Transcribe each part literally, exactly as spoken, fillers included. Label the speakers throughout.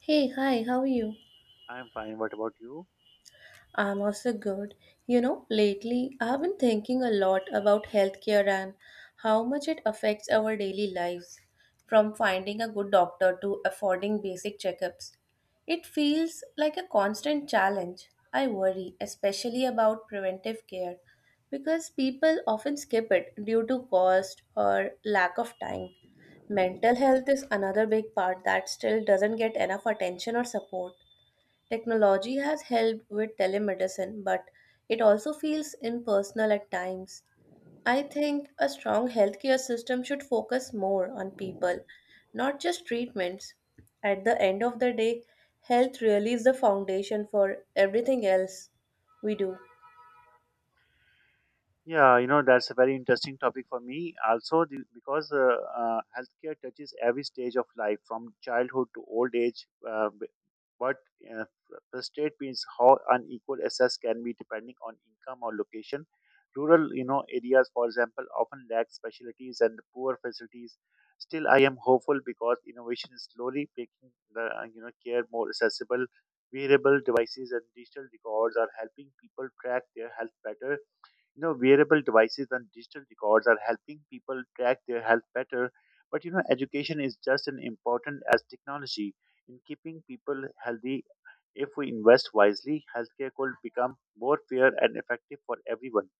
Speaker 1: Hey, hi, how are you?
Speaker 2: I'm fine. What about you?
Speaker 1: I'm also good. You know, lately I've been thinking a lot about healthcare and how much it affects our daily lives, from finding a good doctor to affording basic checkups. It feels like a constant challenge. I worry, especially about preventive care, because people often skip it due to cost or lack of time. Mental health is another big part that still doesn't get enough attention or support. Technology has helped with telemedicine, but it also feels impersonal at times. I think a strong healthcare system should focus more on people, not just treatments. At the end of the day, health really is the foundation for everything else we do.
Speaker 2: Yeah, you know, that's a very interesting topic for me. Also, the, because uh, uh, healthcare touches every stage of life from childhood to old age. Uh, b- what uh, frustrate me how unequal access can be depending on income or location. Rural, you know, areas, for example, often lack specialties and poor facilities. Still, I am hopeful because innovation is slowly making the uh, you know care more accessible. Wearable devices and digital records are helping people track their health better. You know wearable devices and digital records are helping people track their health better. But you know education is just as important as technology in keeping people healthy. If we invest wisely, healthcare could become more fair and effective for everyone.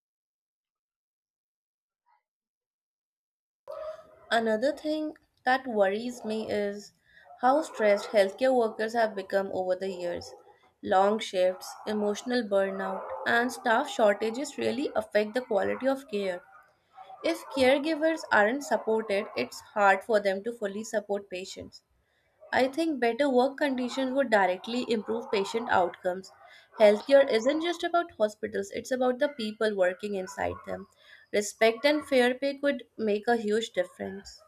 Speaker 1: Another thing that worries me is how stressed healthcare workers have become over the years. Long shifts, emotional burnout, and staff shortages really affect the quality of care. If caregivers aren't supported, it's hard for them to fully support patients. I think better work conditions would directly improve patient outcomes. Healthcare isn't just about hospitals, it's about the people working inside them. Respect and fair pay could make a huge difference.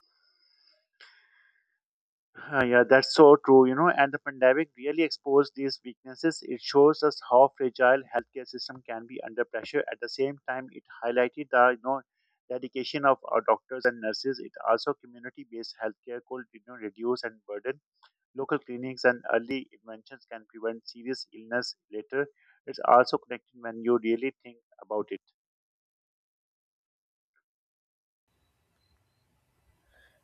Speaker 2: Ah, yeah, that's so true, you know, and the pandemic really exposed these weaknesses. It shows us how fragile healthcare system can be under pressure. At the same time, it highlighted the you know dedication of our doctors and nurses. It also community-based healthcare could you know reduce and burden. Local clinics and early interventions can prevent serious illness later. It's also connected when you really think about it.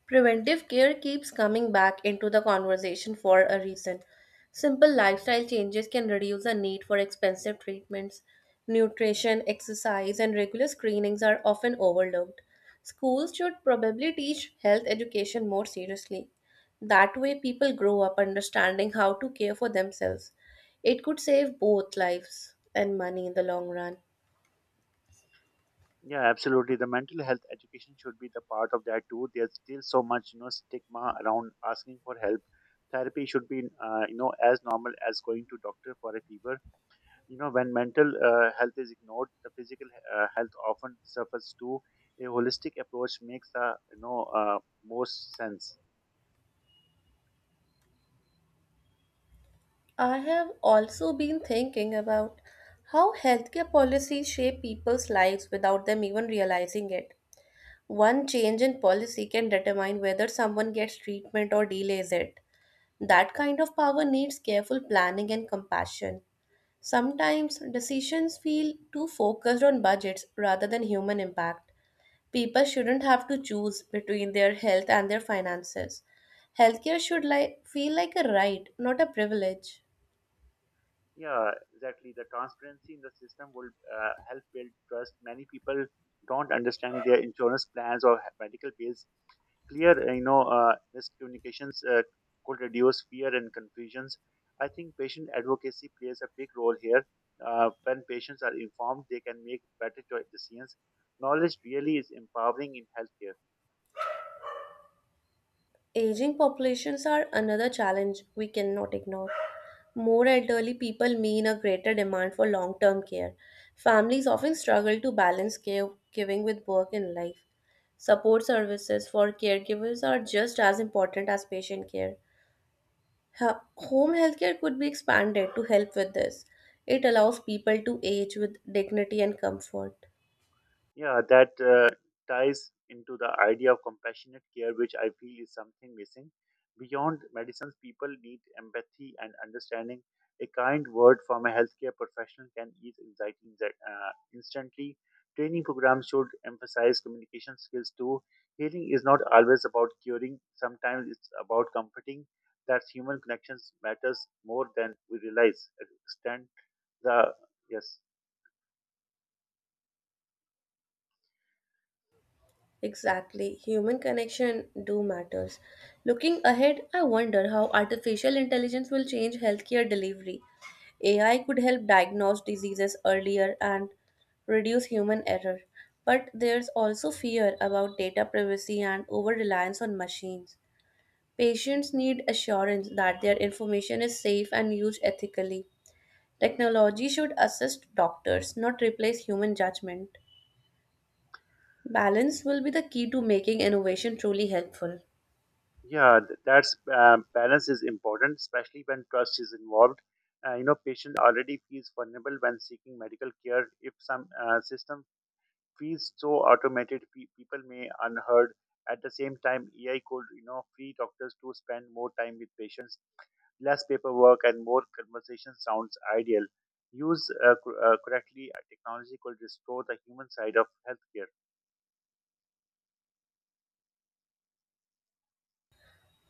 Speaker 1: Preventive care keeps coming back into the conversation for a reason. Simple lifestyle changes can reduce the need for expensive treatments. Nutrition, exercise, and regular screenings are often overlooked. Schools should probably teach health education more seriously. That way, people grow up understanding how to care for themselves. It could save both lives and money in the long run.
Speaker 2: Yeah, absolutely. The mental health education should be the part of that too. There's still so much, you know, stigma around asking for help. Therapy should be, uh, you know, as normal as going to doctor for a fever. You know, when mental uh, health is ignored, the physical uh, health often suffers too. A holistic approach makes the, you know, uh, most sense.
Speaker 1: I have also been thinking about how healthcare policies shape people's lives without them even realizing it. One change in policy can determine whether someone gets treatment or delays it. That kind of power needs careful planning and compassion. Sometimes decisions feel too focused on budgets rather than human impact. People shouldn't have to choose between their health and their finances. Healthcare should, like, feel like a right, not a privilege.
Speaker 2: Yeah, exactly. The transparency in the system will uh, help build trust. Many people don't understand their insurance plans or medical bills, clear uh, you know uh, miscommunications uh, could reduce fear and confusions. I think patient advocacy plays a big role here. Uh, when patients are informed, they can make better cho- decisions. Knowledge really is empowering in healthcare.
Speaker 1: Aging populations are another challenge we cannot ignore. More elderly people mean a greater demand for long term care. Families often struggle to balance care giving with work and life. Support services for caregivers are just as important as patient care. Ha- Home healthcare could be expanded to help with this. It allows people to age with dignity and comfort.
Speaker 2: Yeah, that uh, ties into the idea of compassionate care, which I feel is something missing. Beyond medicines, people need empathy and understanding. A kind word from a healthcare professional can ease anxiety inze- uh, instantly. Training programs should emphasize communication skills too. Healing is not always about curing, sometimes it's about comforting. That human connections matters more than we realize. Extend the Yes.
Speaker 1: Exactly. Human connection do matters. Looking ahead, I wonder how artificial intelligence will change healthcare delivery. A I could help diagnose diseases earlier and reduce human error. But there's also fear about data privacy and over reliance on machines. Patients need assurance that their information is safe and used ethically. Technology should assist doctors, not replace human judgment. Balance will be the key to making innovation truly helpful.
Speaker 2: Yeah, th- that's um, balance is important, especially when trust is involved. Uh, you know, patient already feels vulnerable when seeking medical care. If some uh, system feels so automated, pe- people may unheard. At the same time, A I could you know free doctors to spend more time with patients, less paperwork, and more conversation sounds ideal. Used uh, cor- uh, correctly, uh, technology could restore the human side of healthcare.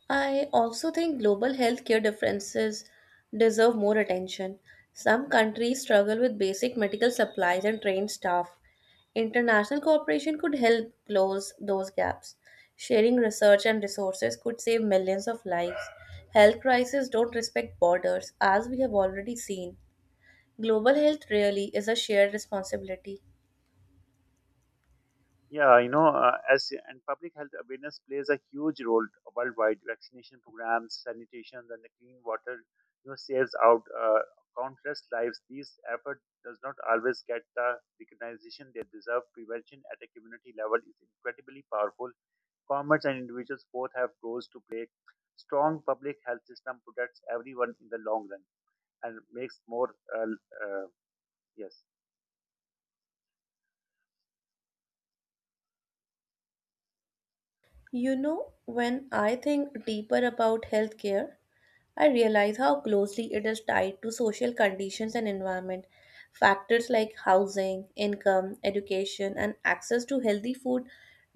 Speaker 1: I also think global healthcare differences deserve more attention. Some countries struggle with basic medical supplies and trained staff. International cooperation could help close those gaps. Sharing research and resources could save millions of lives. Health crises don't respect borders, as we have already seen. Global health really is a shared responsibility.
Speaker 2: Yeah, you know, uh, as and public health awareness plays a huge role worldwide. Vaccination programs, sanitation, and the clean water, you know, saves out uh, countless lives. These effort does not always get the recognition they deserve. Prevention at a community level is incredibly powerful. Governments and individuals both have roles to play. Strong public health system protects everyone in the long run and makes more. Uh, uh, yes.
Speaker 1: You know, when I think deeper about healthcare, I realize how closely it is tied to social conditions and environment. Factors like housing, income, education, and access to healthy food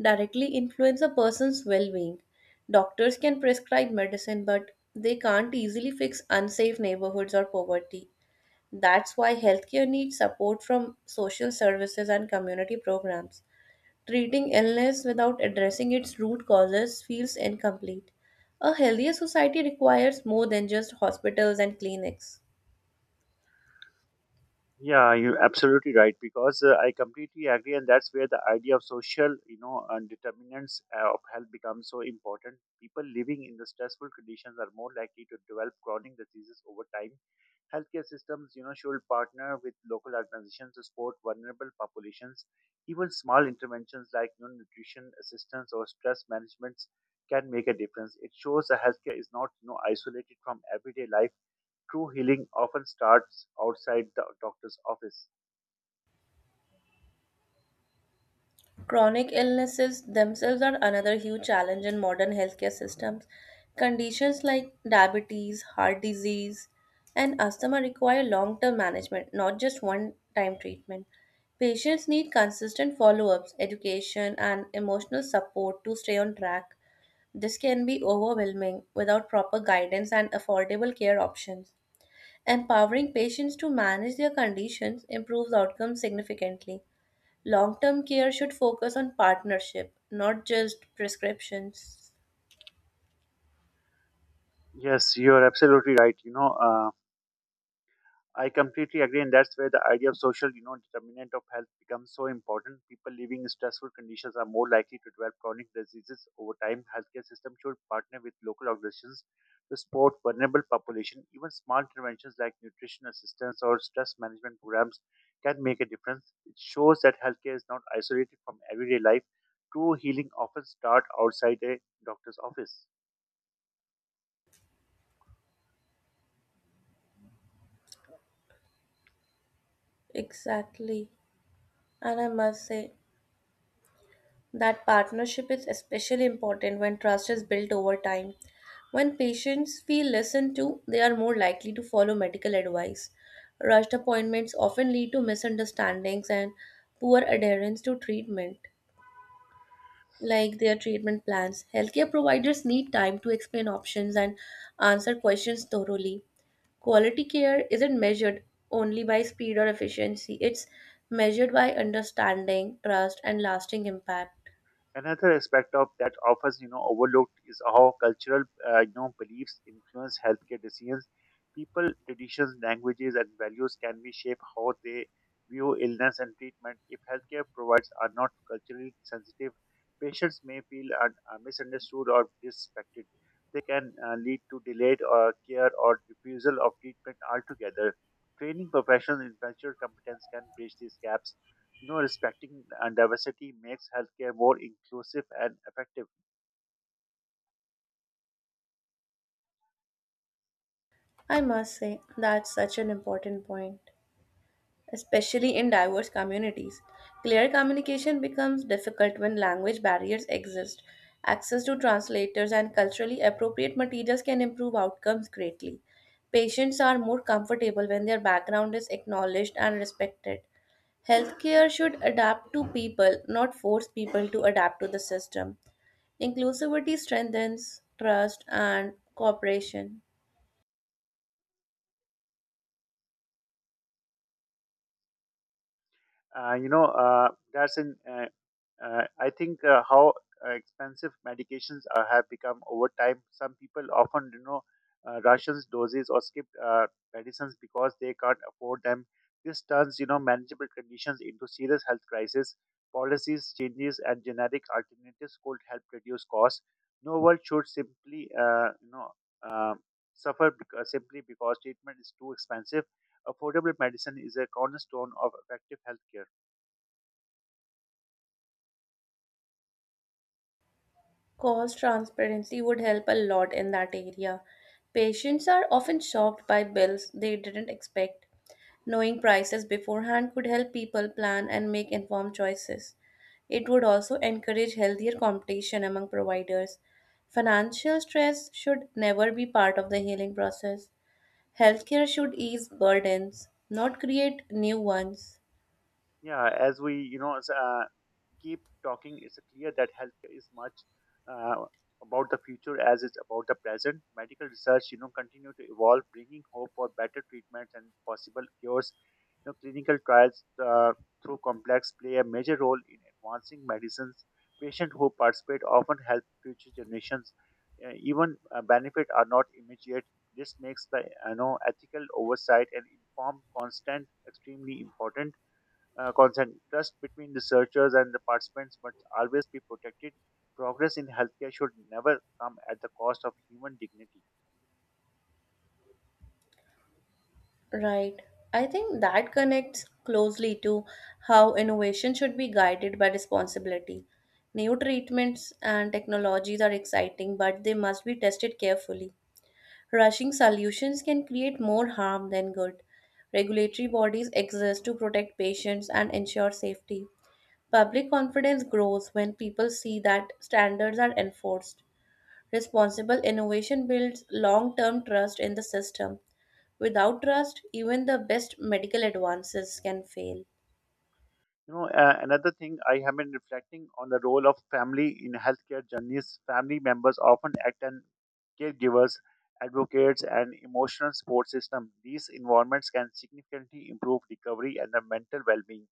Speaker 1: directly influence a person's well being. Doctors can prescribe medicine, but they can't easily fix unsafe neighborhoods or poverty. That's why healthcare needs support from social services and community programs. Treating illness without addressing its root causes feels incomplete. A healthier society requires more than just hospitals and clinics.
Speaker 2: Yeah, you're absolutely right because uh, I completely agree, and that's where the idea of social, you know, and determinants uh, of health becomes so important. People living in the stressful conditions are more likely to develop chronic diseases over time. Healthcare systems, you know, should partner with local organizations to support vulnerable populations. Even small interventions like you know, nutrition assistance or stress management can make a difference. It shows that healthcare is not, you know, isolated from everyday life. True healing often starts outside the doctor's office.
Speaker 1: Chronic illnesses themselves are another huge challenge in modern healthcare systems. Conditions like diabetes, heart disease, and asthma require long term management, not just one time treatment. Patients need consistent follow ups, education, and emotional support to stay on track. This can be overwhelming without proper guidance and affordable care options. Empowering patients to manage their conditions improves outcomes significantly. Long term care should focus on partnership, not just prescriptions.
Speaker 2: Yes, you are absolutely right. You know, uh, I completely agree, and that's where the idea of social, you know, determinant of health becomes so important. People living in stressful conditions are more likely to develop chronic diseases over time. Healthcare system should partner with local organizations to support vulnerable population. Even small interventions like nutrition assistance or stress management programs can make a difference. It shows that healthcare is not isolated from everyday life. True healing often starts outside a doctor's office.
Speaker 1: Exactly. And I must say, that partnership is especially important when trust is built over time. When patients feel listened to, they are more likely to follow medical advice. Rushed appointments often lead to misunderstandings and poor adherence to treatment, like their treatment plans. Healthcare providers need time to explain options and answer questions thoroughly. Quality care isn't measured only by speed or efficiency, it's measured by understanding, trust, and lasting impact.
Speaker 2: Another aspect of that often you know overlooked is how cultural uh, you know beliefs influence healthcare decisions. People, traditions, languages, and values can be shape how they view illness and treatment. If healthcare providers are not culturally sensitive, patients may feel un- uh, misunderstood or disrespected. They can uh, lead to delayed uh, care or refusal of treatment altogether. Training professionals in cultural competence can bridge these gaps. You know, respecting uh, diversity makes healthcare more inclusive and effective.
Speaker 1: I must say, that's such an important point, especially in diverse communities. Clear communication becomes difficult when language barriers exist. Access to translators and culturally appropriate materials can improve outcomes greatly. Patients are more comfortable when their background is acknowledged and respected. Healthcare should adapt to people, not force people to adapt to the system. Inclusivity strengthens trust and cooperation.
Speaker 2: Uh, you know uh, that's, in uh, uh, i think uh, how uh, expensive medications are, have become over time. Some people often you know uh, russians doses or skip uh, medicines because they can't afford them. This turns you know manageable conditions into serious health crisis. Policies changes and generic alternatives could help reduce costs. No one should simply uh, you know uh, suffer because, simply because treatment is too expensive. Affordable medicine is a cornerstone of effective healthcare.
Speaker 1: Cost transparency would help a lot in that area. Patients are often shocked by bills they didn't expect. Knowing prices beforehand could help people plan and make informed choices. It would also encourage healthier competition among providers. Financial stress should never be part of the healing process. Healthcare should ease burdens, not create new ones.
Speaker 2: Yeah, as we you know as, uh, keep talking, it's clear that healthcare is much uh, about the future as it's about the present. Medical research, you know, continue to evolve, bringing hope for better treatments and possible cures. You know, clinical trials uh, through complex play a major role in advancing medicines. Patients who participate often help future generations. Uh, even uh, benefit are not immediate. This makes the you know ethical oversight and informed constant extremely important uh, consent. Trust between researchers and the participants must always be protected. Progress in healthcare should never come at the cost of human dignity.
Speaker 1: Right. I think that connects closely to how innovation should be guided by responsibility. New treatments and technologies are exciting, but they must be tested carefully. Rushing solutions can create more harm than good. Regulatory bodies exist to protect patients and ensure safety. Public confidence grows when people see that standards are enforced. Responsible innovation builds long term trust in the system. Without trust, even the best medical advances can fail.
Speaker 2: You know, uh, another thing I have been reflecting on the role of family in healthcare journeys. Family members often act as caregivers, advocates, and emotional support system. These environments can significantly improve recovery and the mental well-being.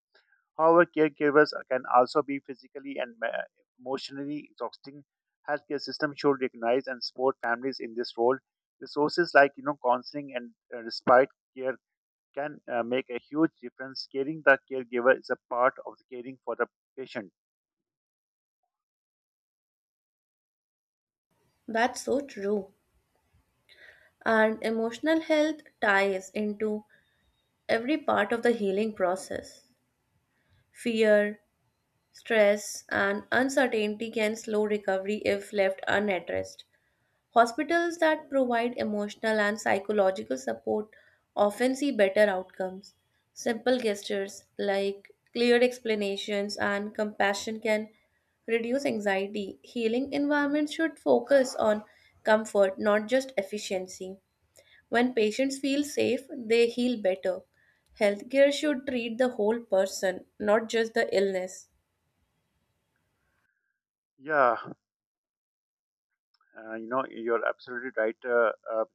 Speaker 2: However, caregivers can also be physically and me- emotionally exhausting. Healthcare system should recognize and support families in this role. Resources like you know counseling and uh, respite care can uh, make a huge difference. Caring the caregiver is a part of the caring for the patient.
Speaker 1: That's so true. And emotional health ties into every part of the healing process. Fear, stress, and uncertainty can slow recovery if left unaddressed. Hospitals that provide emotional and psychological support often see better outcomes. Simple gestures like clear explanations and compassion can reduce anxiety. Healing environments should focus on comfort, not just efficiency. When patients feel safe, they heal better. Healthcare should treat the whole person, not just the illness.
Speaker 2: Yeah, uh, you know you're absolutely right. Uh, uh,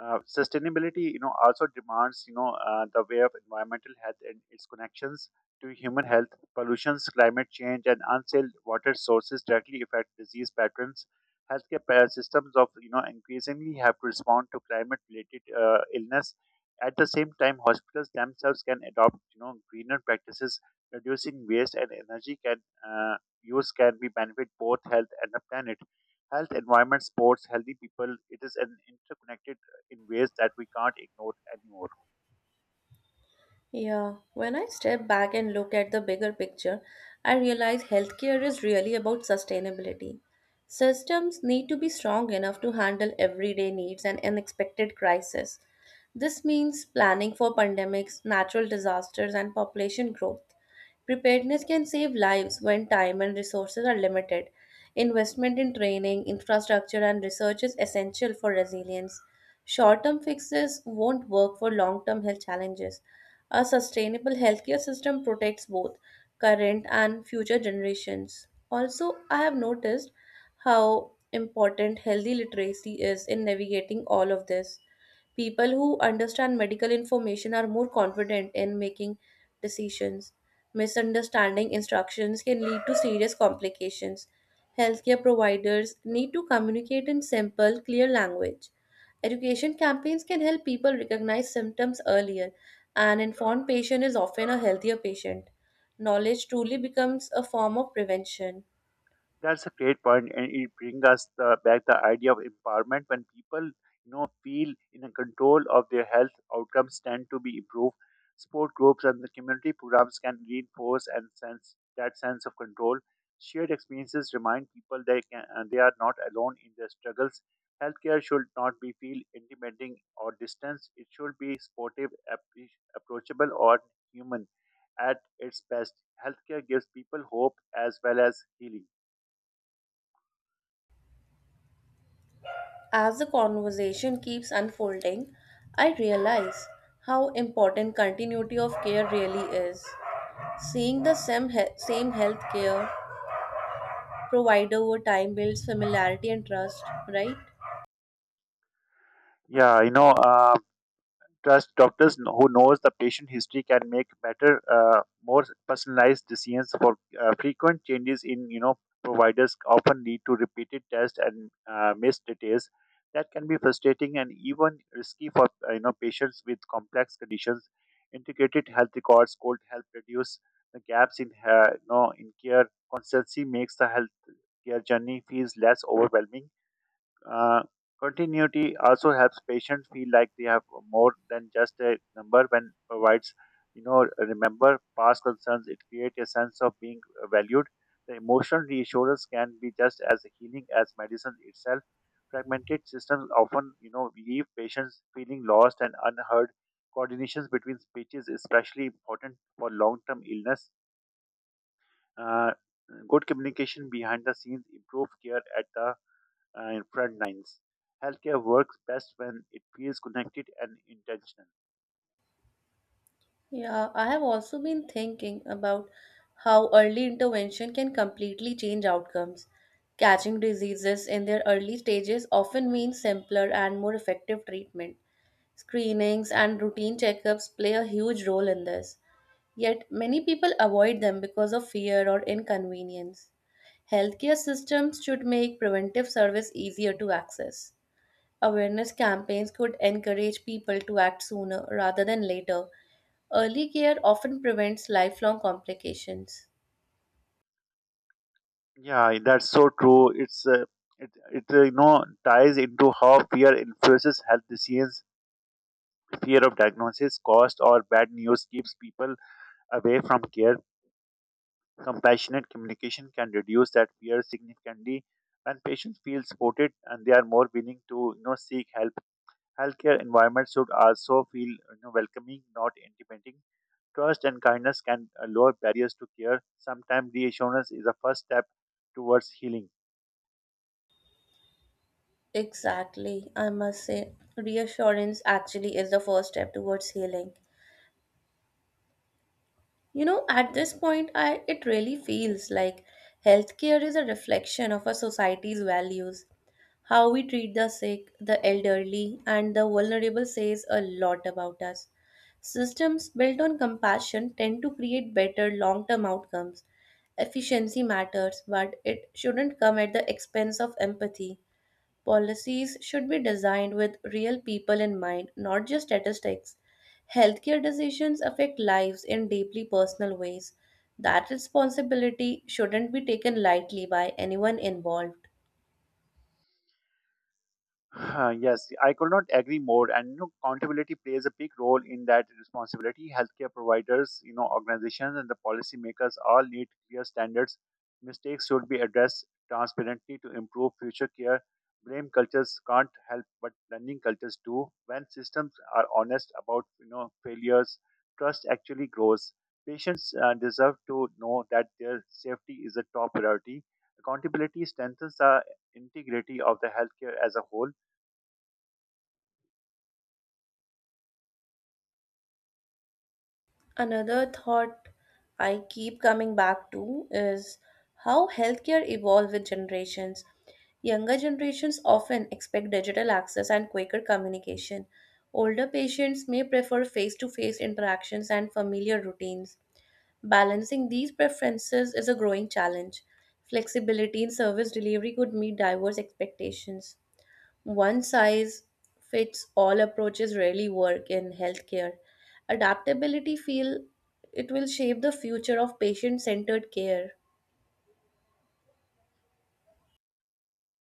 Speaker 2: Uh, Sustainability, you know, also demands, you know, uh, the way of environmental health and its connections to human health. Pollutions, climate change, and unsafe water sources directly affect disease patterns. Healthcare pa- systems of, you know, increasingly have to respond to climate-related uh, illness. At the same time, hospitals themselves can adopt, you know, greener practices, reducing waste and energy can uh, use can be benefit both health and the planet. Health, environment, sports, healthy people. It is an interconnected in ways that we can't ignore anymore.
Speaker 1: Yeah, when I step back and look at the bigger picture, I realize healthcare is really about sustainability. Systems need to be strong enough to handle everyday needs and unexpected crises. This means planning for pandemics, natural disasters, and population growth. Preparedness can save lives when time and resources are limited. Investment in training, infrastructure, and research is essential for resilience. Short term fixes won't work for long term health challenges. A sustainable healthcare system protects both current and future generations. Also, I have noticed how important healthy literacy is in navigating all of this. People who understand medical information are more confident in making decisions. Misunderstanding instructions can lead to serious complications. Healthcare providers need to communicate in simple, clear language. Education campaigns can help people recognize symptoms earlier. An informed patient is often a healthier patient. Knowledge truly becomes a form of prevention.
Speaker 2: That's a great point, and it brings us the, back the idea of empowerment. When people, you know, feel in a control of their health, outcomes tend to be improved. Sport groups and the community programs can reinforce and sense that sense of control. Shared experiences remind people they can uh, they are not alone in their struggles. Healthcare should not be feel intimidating or distant. It should be supportive, appre- approachable, or human. At its best, healthcare gives people hope as well as healing.
Speaker 1: As the conversation keeps unfolding, I realize how important continuity of care really is. Seeing the same, he- same healthcare provider over time builds familiarity and trust, right?
Speaker 2: Yeah, you know, uh, trust doctors kn- who knows the patient history can make better, uh, more personalized decisions. For uh, frequent changes in you know providers often lead to repeated tests and uh, missed details. That can be frustrating and even risky for uh, you know patients with complex conditions. Integrated health records could help reduce the gaps in uh, you know in care. Consistency makes the healthcare journey feels less overwhelming. Uh, Continuity also helps patients feel like they have more than just a number when provides, you know, remember past concerns. It creates a sense of being valued. The emotional reassurance can be just as healing as medicine itself. Fragmented systems often, you know, leave patients feeling lost and unheard. Coordinations between speeches is especially important for long-term illness. Uh, Good communication behind the scenes improve care at the uh, in front lines. Healthcare works best when it feels connected and intentional.
Speaker 1: Yeah, I have also been thinking about how early intervention can completely change outcomes. Catching diseases in their early stages often means simpler and more effective treatment. Screenings and routine checkups play a huge role in this. Yet many people avoid them because of fear or inconvenience. Healthcare systems should make preventive service easier to access. Awareness campaigns could encourage people to act sooner rather than later. Early care often prevents lifelong complications.
Speaker 2: Yeah, that's so true. It's uh, it it uh, you know ties into how fear influences health decisions. Fear of diagnosis, cost, or bad news keeps people away from care. Compassionate communication can reduce that fear significantly. When patients feel supported and they are more willing to you know seek help, healthcare environment should also feel you know, welcoming, not intimidating. Trust and kindness can uh, lower barriers to care. Sometimes reassurance is a first step towards healing.
Speaker 1: Exactly, I must say. Reassurance actually is the first step towards healing. You know, at this point, I it really feels like healthcare is a reflection of a society's values. How we treat the sick, the elderly, and the vulnerable says a lot about us. Systems built on compassion tend to create better long term outcomes. Efficiency matters, but it shouldn't come at the expense of empathy. Policies should be designed with real people in mind, not just statistics. Healthcare decisions affect lives in deeply personal ways. That responsibility shouldn't be taken lightly by anyone involved.
Speaker 2: Uh, Yes, I could not agree more. And you know, accountability plays a big role in that responsibility. Healthcare providers, you know, organizations, and the policymakers all need clear standards. Mistakes should be addressed transparently to improve future care. Blame cultures can't help, but learning cultures do. When systems are honest about you know failures, trust actually grows. Patients uh, deserve to know that their safety is a top priority. Accountability strengthens the integrity of the healthcare as a whole.
Speaker 1: Another thought I keep coming back to is how healthcare evolves with generations. Younger generations often expect digital access and quicker communication. Older patients may prefer face to face interactions and familiar routines. Balancing these preferences is a growing challenge. Flexibility in service delivery could meet diverse expectations. One size fits all approaches rarely work in healthcare. Adaptability feel it will shape the future of patient centered care.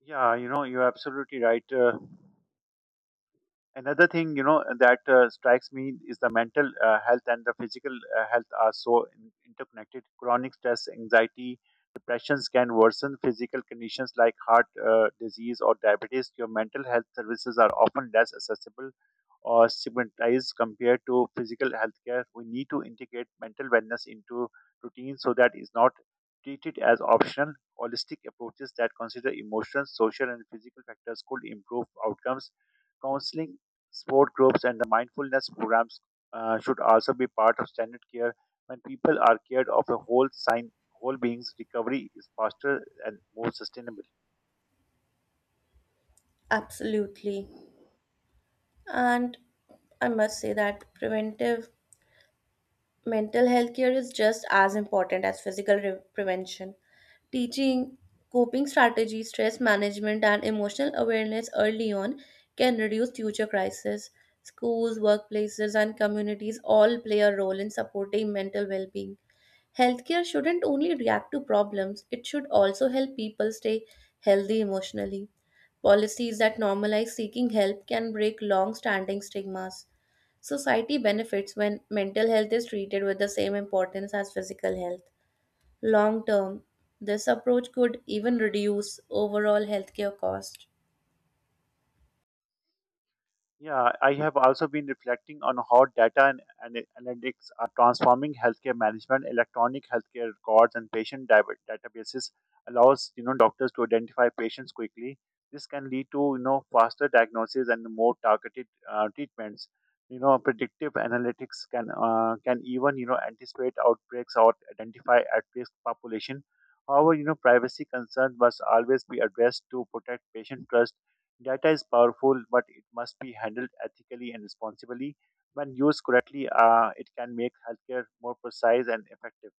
Speaker 2: Yeah, you know, you're absolutely right. Uh, another thing you know that uh, strikes me is the mental uh, health and the physical uh, health are so in- interconnected. Chronic stress, anxiety, depressions can worsen physical conditions like heart uh, disease or diabetes. Your mental health services are often less accessible or stigmatized compared to physical health care. We need to integrate mental wellness into routine so that is not treated as optional. Holistic approaches that consider emotions, social and physical factors could improve outcomes. Counseling, sport groups and the mindfulness programs uh, should also be part of standard care. When people are cared of a whole sign, whole beings, recovery is faster and more sustainable.
Speaker 1: Absolutely. And I must say that preventive mental health care is just as important as physical re- prevention. Teaching coping strategies, stress management, and emotional awareness early on can reduce future crises. Schools, workplaces, and communities all play a role in supporting mental well being. Healthcare shouldn't only react to problems, it should also help people stay healthy emotionally. Policies that normalize seeking help can break long standing stigmas. Society benefits when mental health is treated with the same importance as physical health. Long term, this approach could even reduce overall healthcare cost.
Speaker 2: Yeah, I have also been reflecting on how data and ana- analytics are transforming healthcare management. Electronic healthcare records and patient diver- databases allows you know doctors to identify patients quickly. This can lead to you know faster diagnosis and more targeted uh, treatments. You know, predictive analytics can uh, can even you know anticipate outbreaks or identify at-risk population. However, you know, privacy concerns must always be addressed to protect patient trust. Data is powerful, but it must be handled ethically and responsibly. When used correctly, uh, it can make healthcare more precise and effective.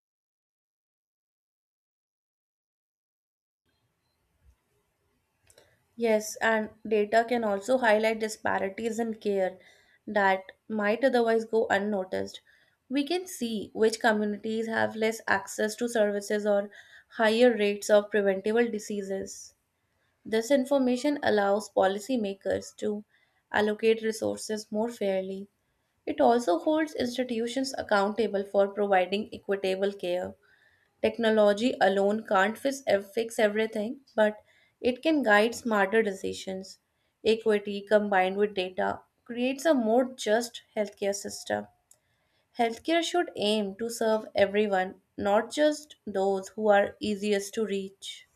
Speaker 1: Yes, and data can also highlight disparities in care that might otherwise go unnoticed. We can see which communities have less access to services or higher rates of preventable diseases. This information allows policymakers to allocate resources more fairly. It also holds institutions accountable for providing equitable care. Technology alone can't fix, ev- fix everything, but it can guide smarter decisions. Equity combined with data creates a more just healthcare system. Healthcare should aim to serve everyone, not just those who are easiest to reach.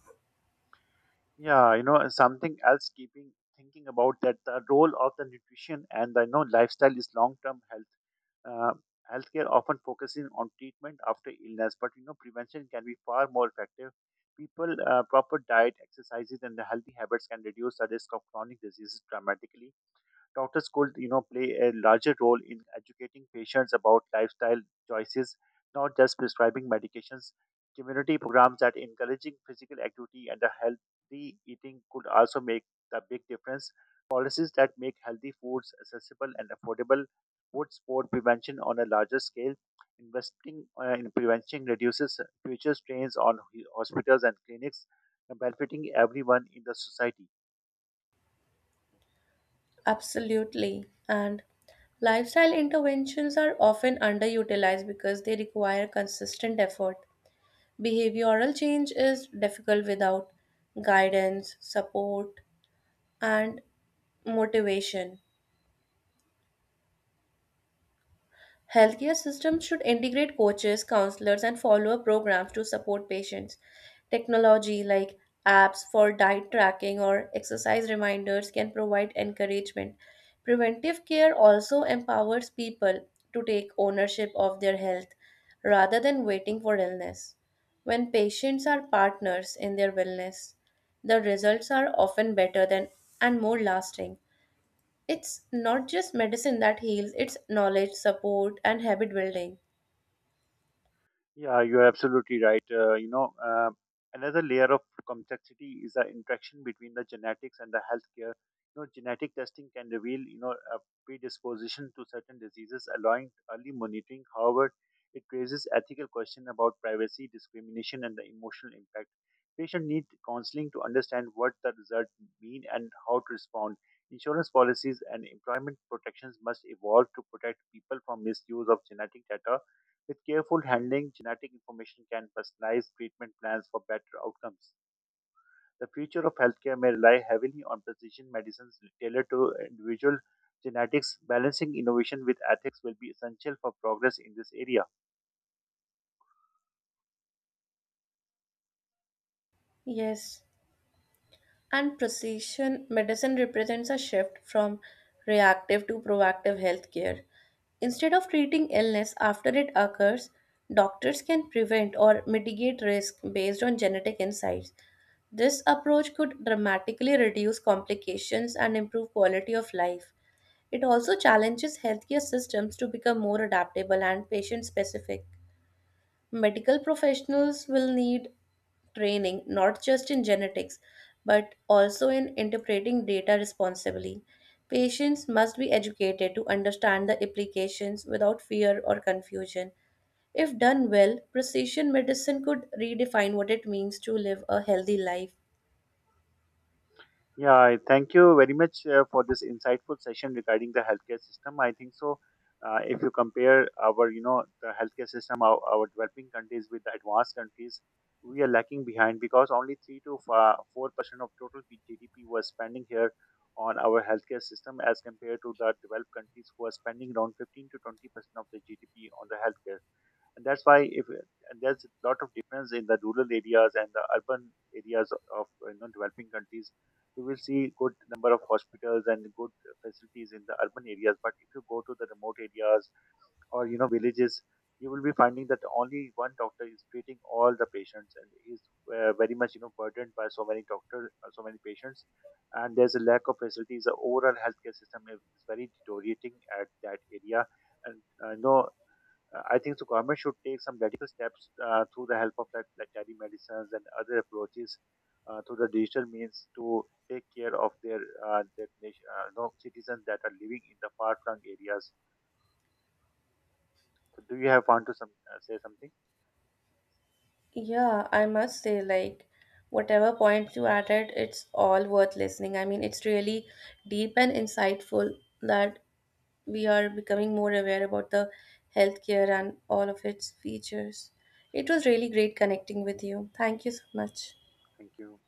Speaker 2: Yeah, you know, and something else keeping thinking about that the role of the nutrition and the you know, lifestyle is long term health. Uh, Healthcare often focusing on treatment after illness, but you know, prevention can be far more effective. People, uh, proper diet, exercises, and the healthy habits can reduce the risk of chronic diseases dramatically. Doctors could, you know, play a larger role in educating patients about lifestyle choices, not just prescribing medications. Community programs that encouraging physical activity and a healthy eating could also make the big difference. Policies that make healthy foods accessible and affordable would support prevention on a larger scale. Investing uh, in prevention reduces future strains on hospitals and clinics, benefiting everyone in the society.
Speaker 1: Absolutely. And lifestyle interventions are often underutilized because they require consistent effort. Behavioral change is difficult without guidance, support, and motivation. Healthcare systems should integrate coaches, counselors, and follow-up programs to support patients. Technology like apps for diet tracking or exercise reminders can provide encouragement. Preventive care also empowers people to take ownership of their health rather than waiting for illness. When patients are partners in their wellness, the results are often better than and more lasting. It's not just medicine that heals, it's knowledge, support, and habit building.
Speaker 2: Yeah, you're absolutely right. Uh, you know, uh, another layer of complexity is the interaction between the genetics and the healthcare. You know, genetic testing can reveal, you know, a predisposition to certain diseases, allowing early monitoring. However, it raises ethical questions about privacy, discrimination, and the emotional impact. Patients need counseling to understand what the results mean and how to respond. Insurance policies and employment protections must evolve to protect people from misuse of genetic data. With careful handling, genetic information can personalize treatment plans for better outcomes. The future of healthcare may rely heavily on precision medicines tailored to individual genetics. Balancing innovation with ethics will be essential for progress in this area.
Speaker 1: Yes. And precision medicine represents a shift from reactive to proactive healthcare. Instead of treating illness after it occurs, doctors can prevent or mitigate risk based on genetic insights. This approach could dramatically reduce complications and improve quality of life. It also challenges healthcare systems to become more adaptable and patient specific. Medical professionals will need training not just in genetics but also in interpreting data responsibly. Patients must be educated to understand the implications without fear or confusion. If done well, precision medicine could redefine what it means to live a healthy life.
Speaker 2: Yeah, I thank you very much uh, for this insightful session regarding the healthcare system. I think so. Uh, if you compare our, you know, the healthcare system, our, our developing countries with the advanced countries, we are lacking behind because only three to four percent of total P- G D P was spending here on our healthcare system, as compared to the developed countries who are spending around fifteen to twenty percent of the G D P on the healthcare. And that's why if and there's a lot of difference in the rural areas and the urban areas of, you know, developing countries. You will see good number of hospitals and good facilities in the urban areas, but if you go to the remote areas or you know villages, you will be finding that only one doctor is treating all the patients and is uh, very much you know burdened by so many doctors, uh, so many patients, and there's a lack of facilities. The overall healthcare system is is very deteriorating at that area. And uh, no uh, I think the government should take some radical steps uh, through the help of like, like telemedicines and other approaches uh, through the digital means to take care of their uh, their nation, uh, you know, citizens that are living in the far flung areas. So do you have want to some, uh, say something?
Speaker 1: Yeah, I must say, like, whatever point you added, it's all worth listening. I mean, it's really deep and insightful that we are becoming more aware about the healthcare and all of its features. It was really great connecting with you. Thank you so much.
Speaker 2: Thank you.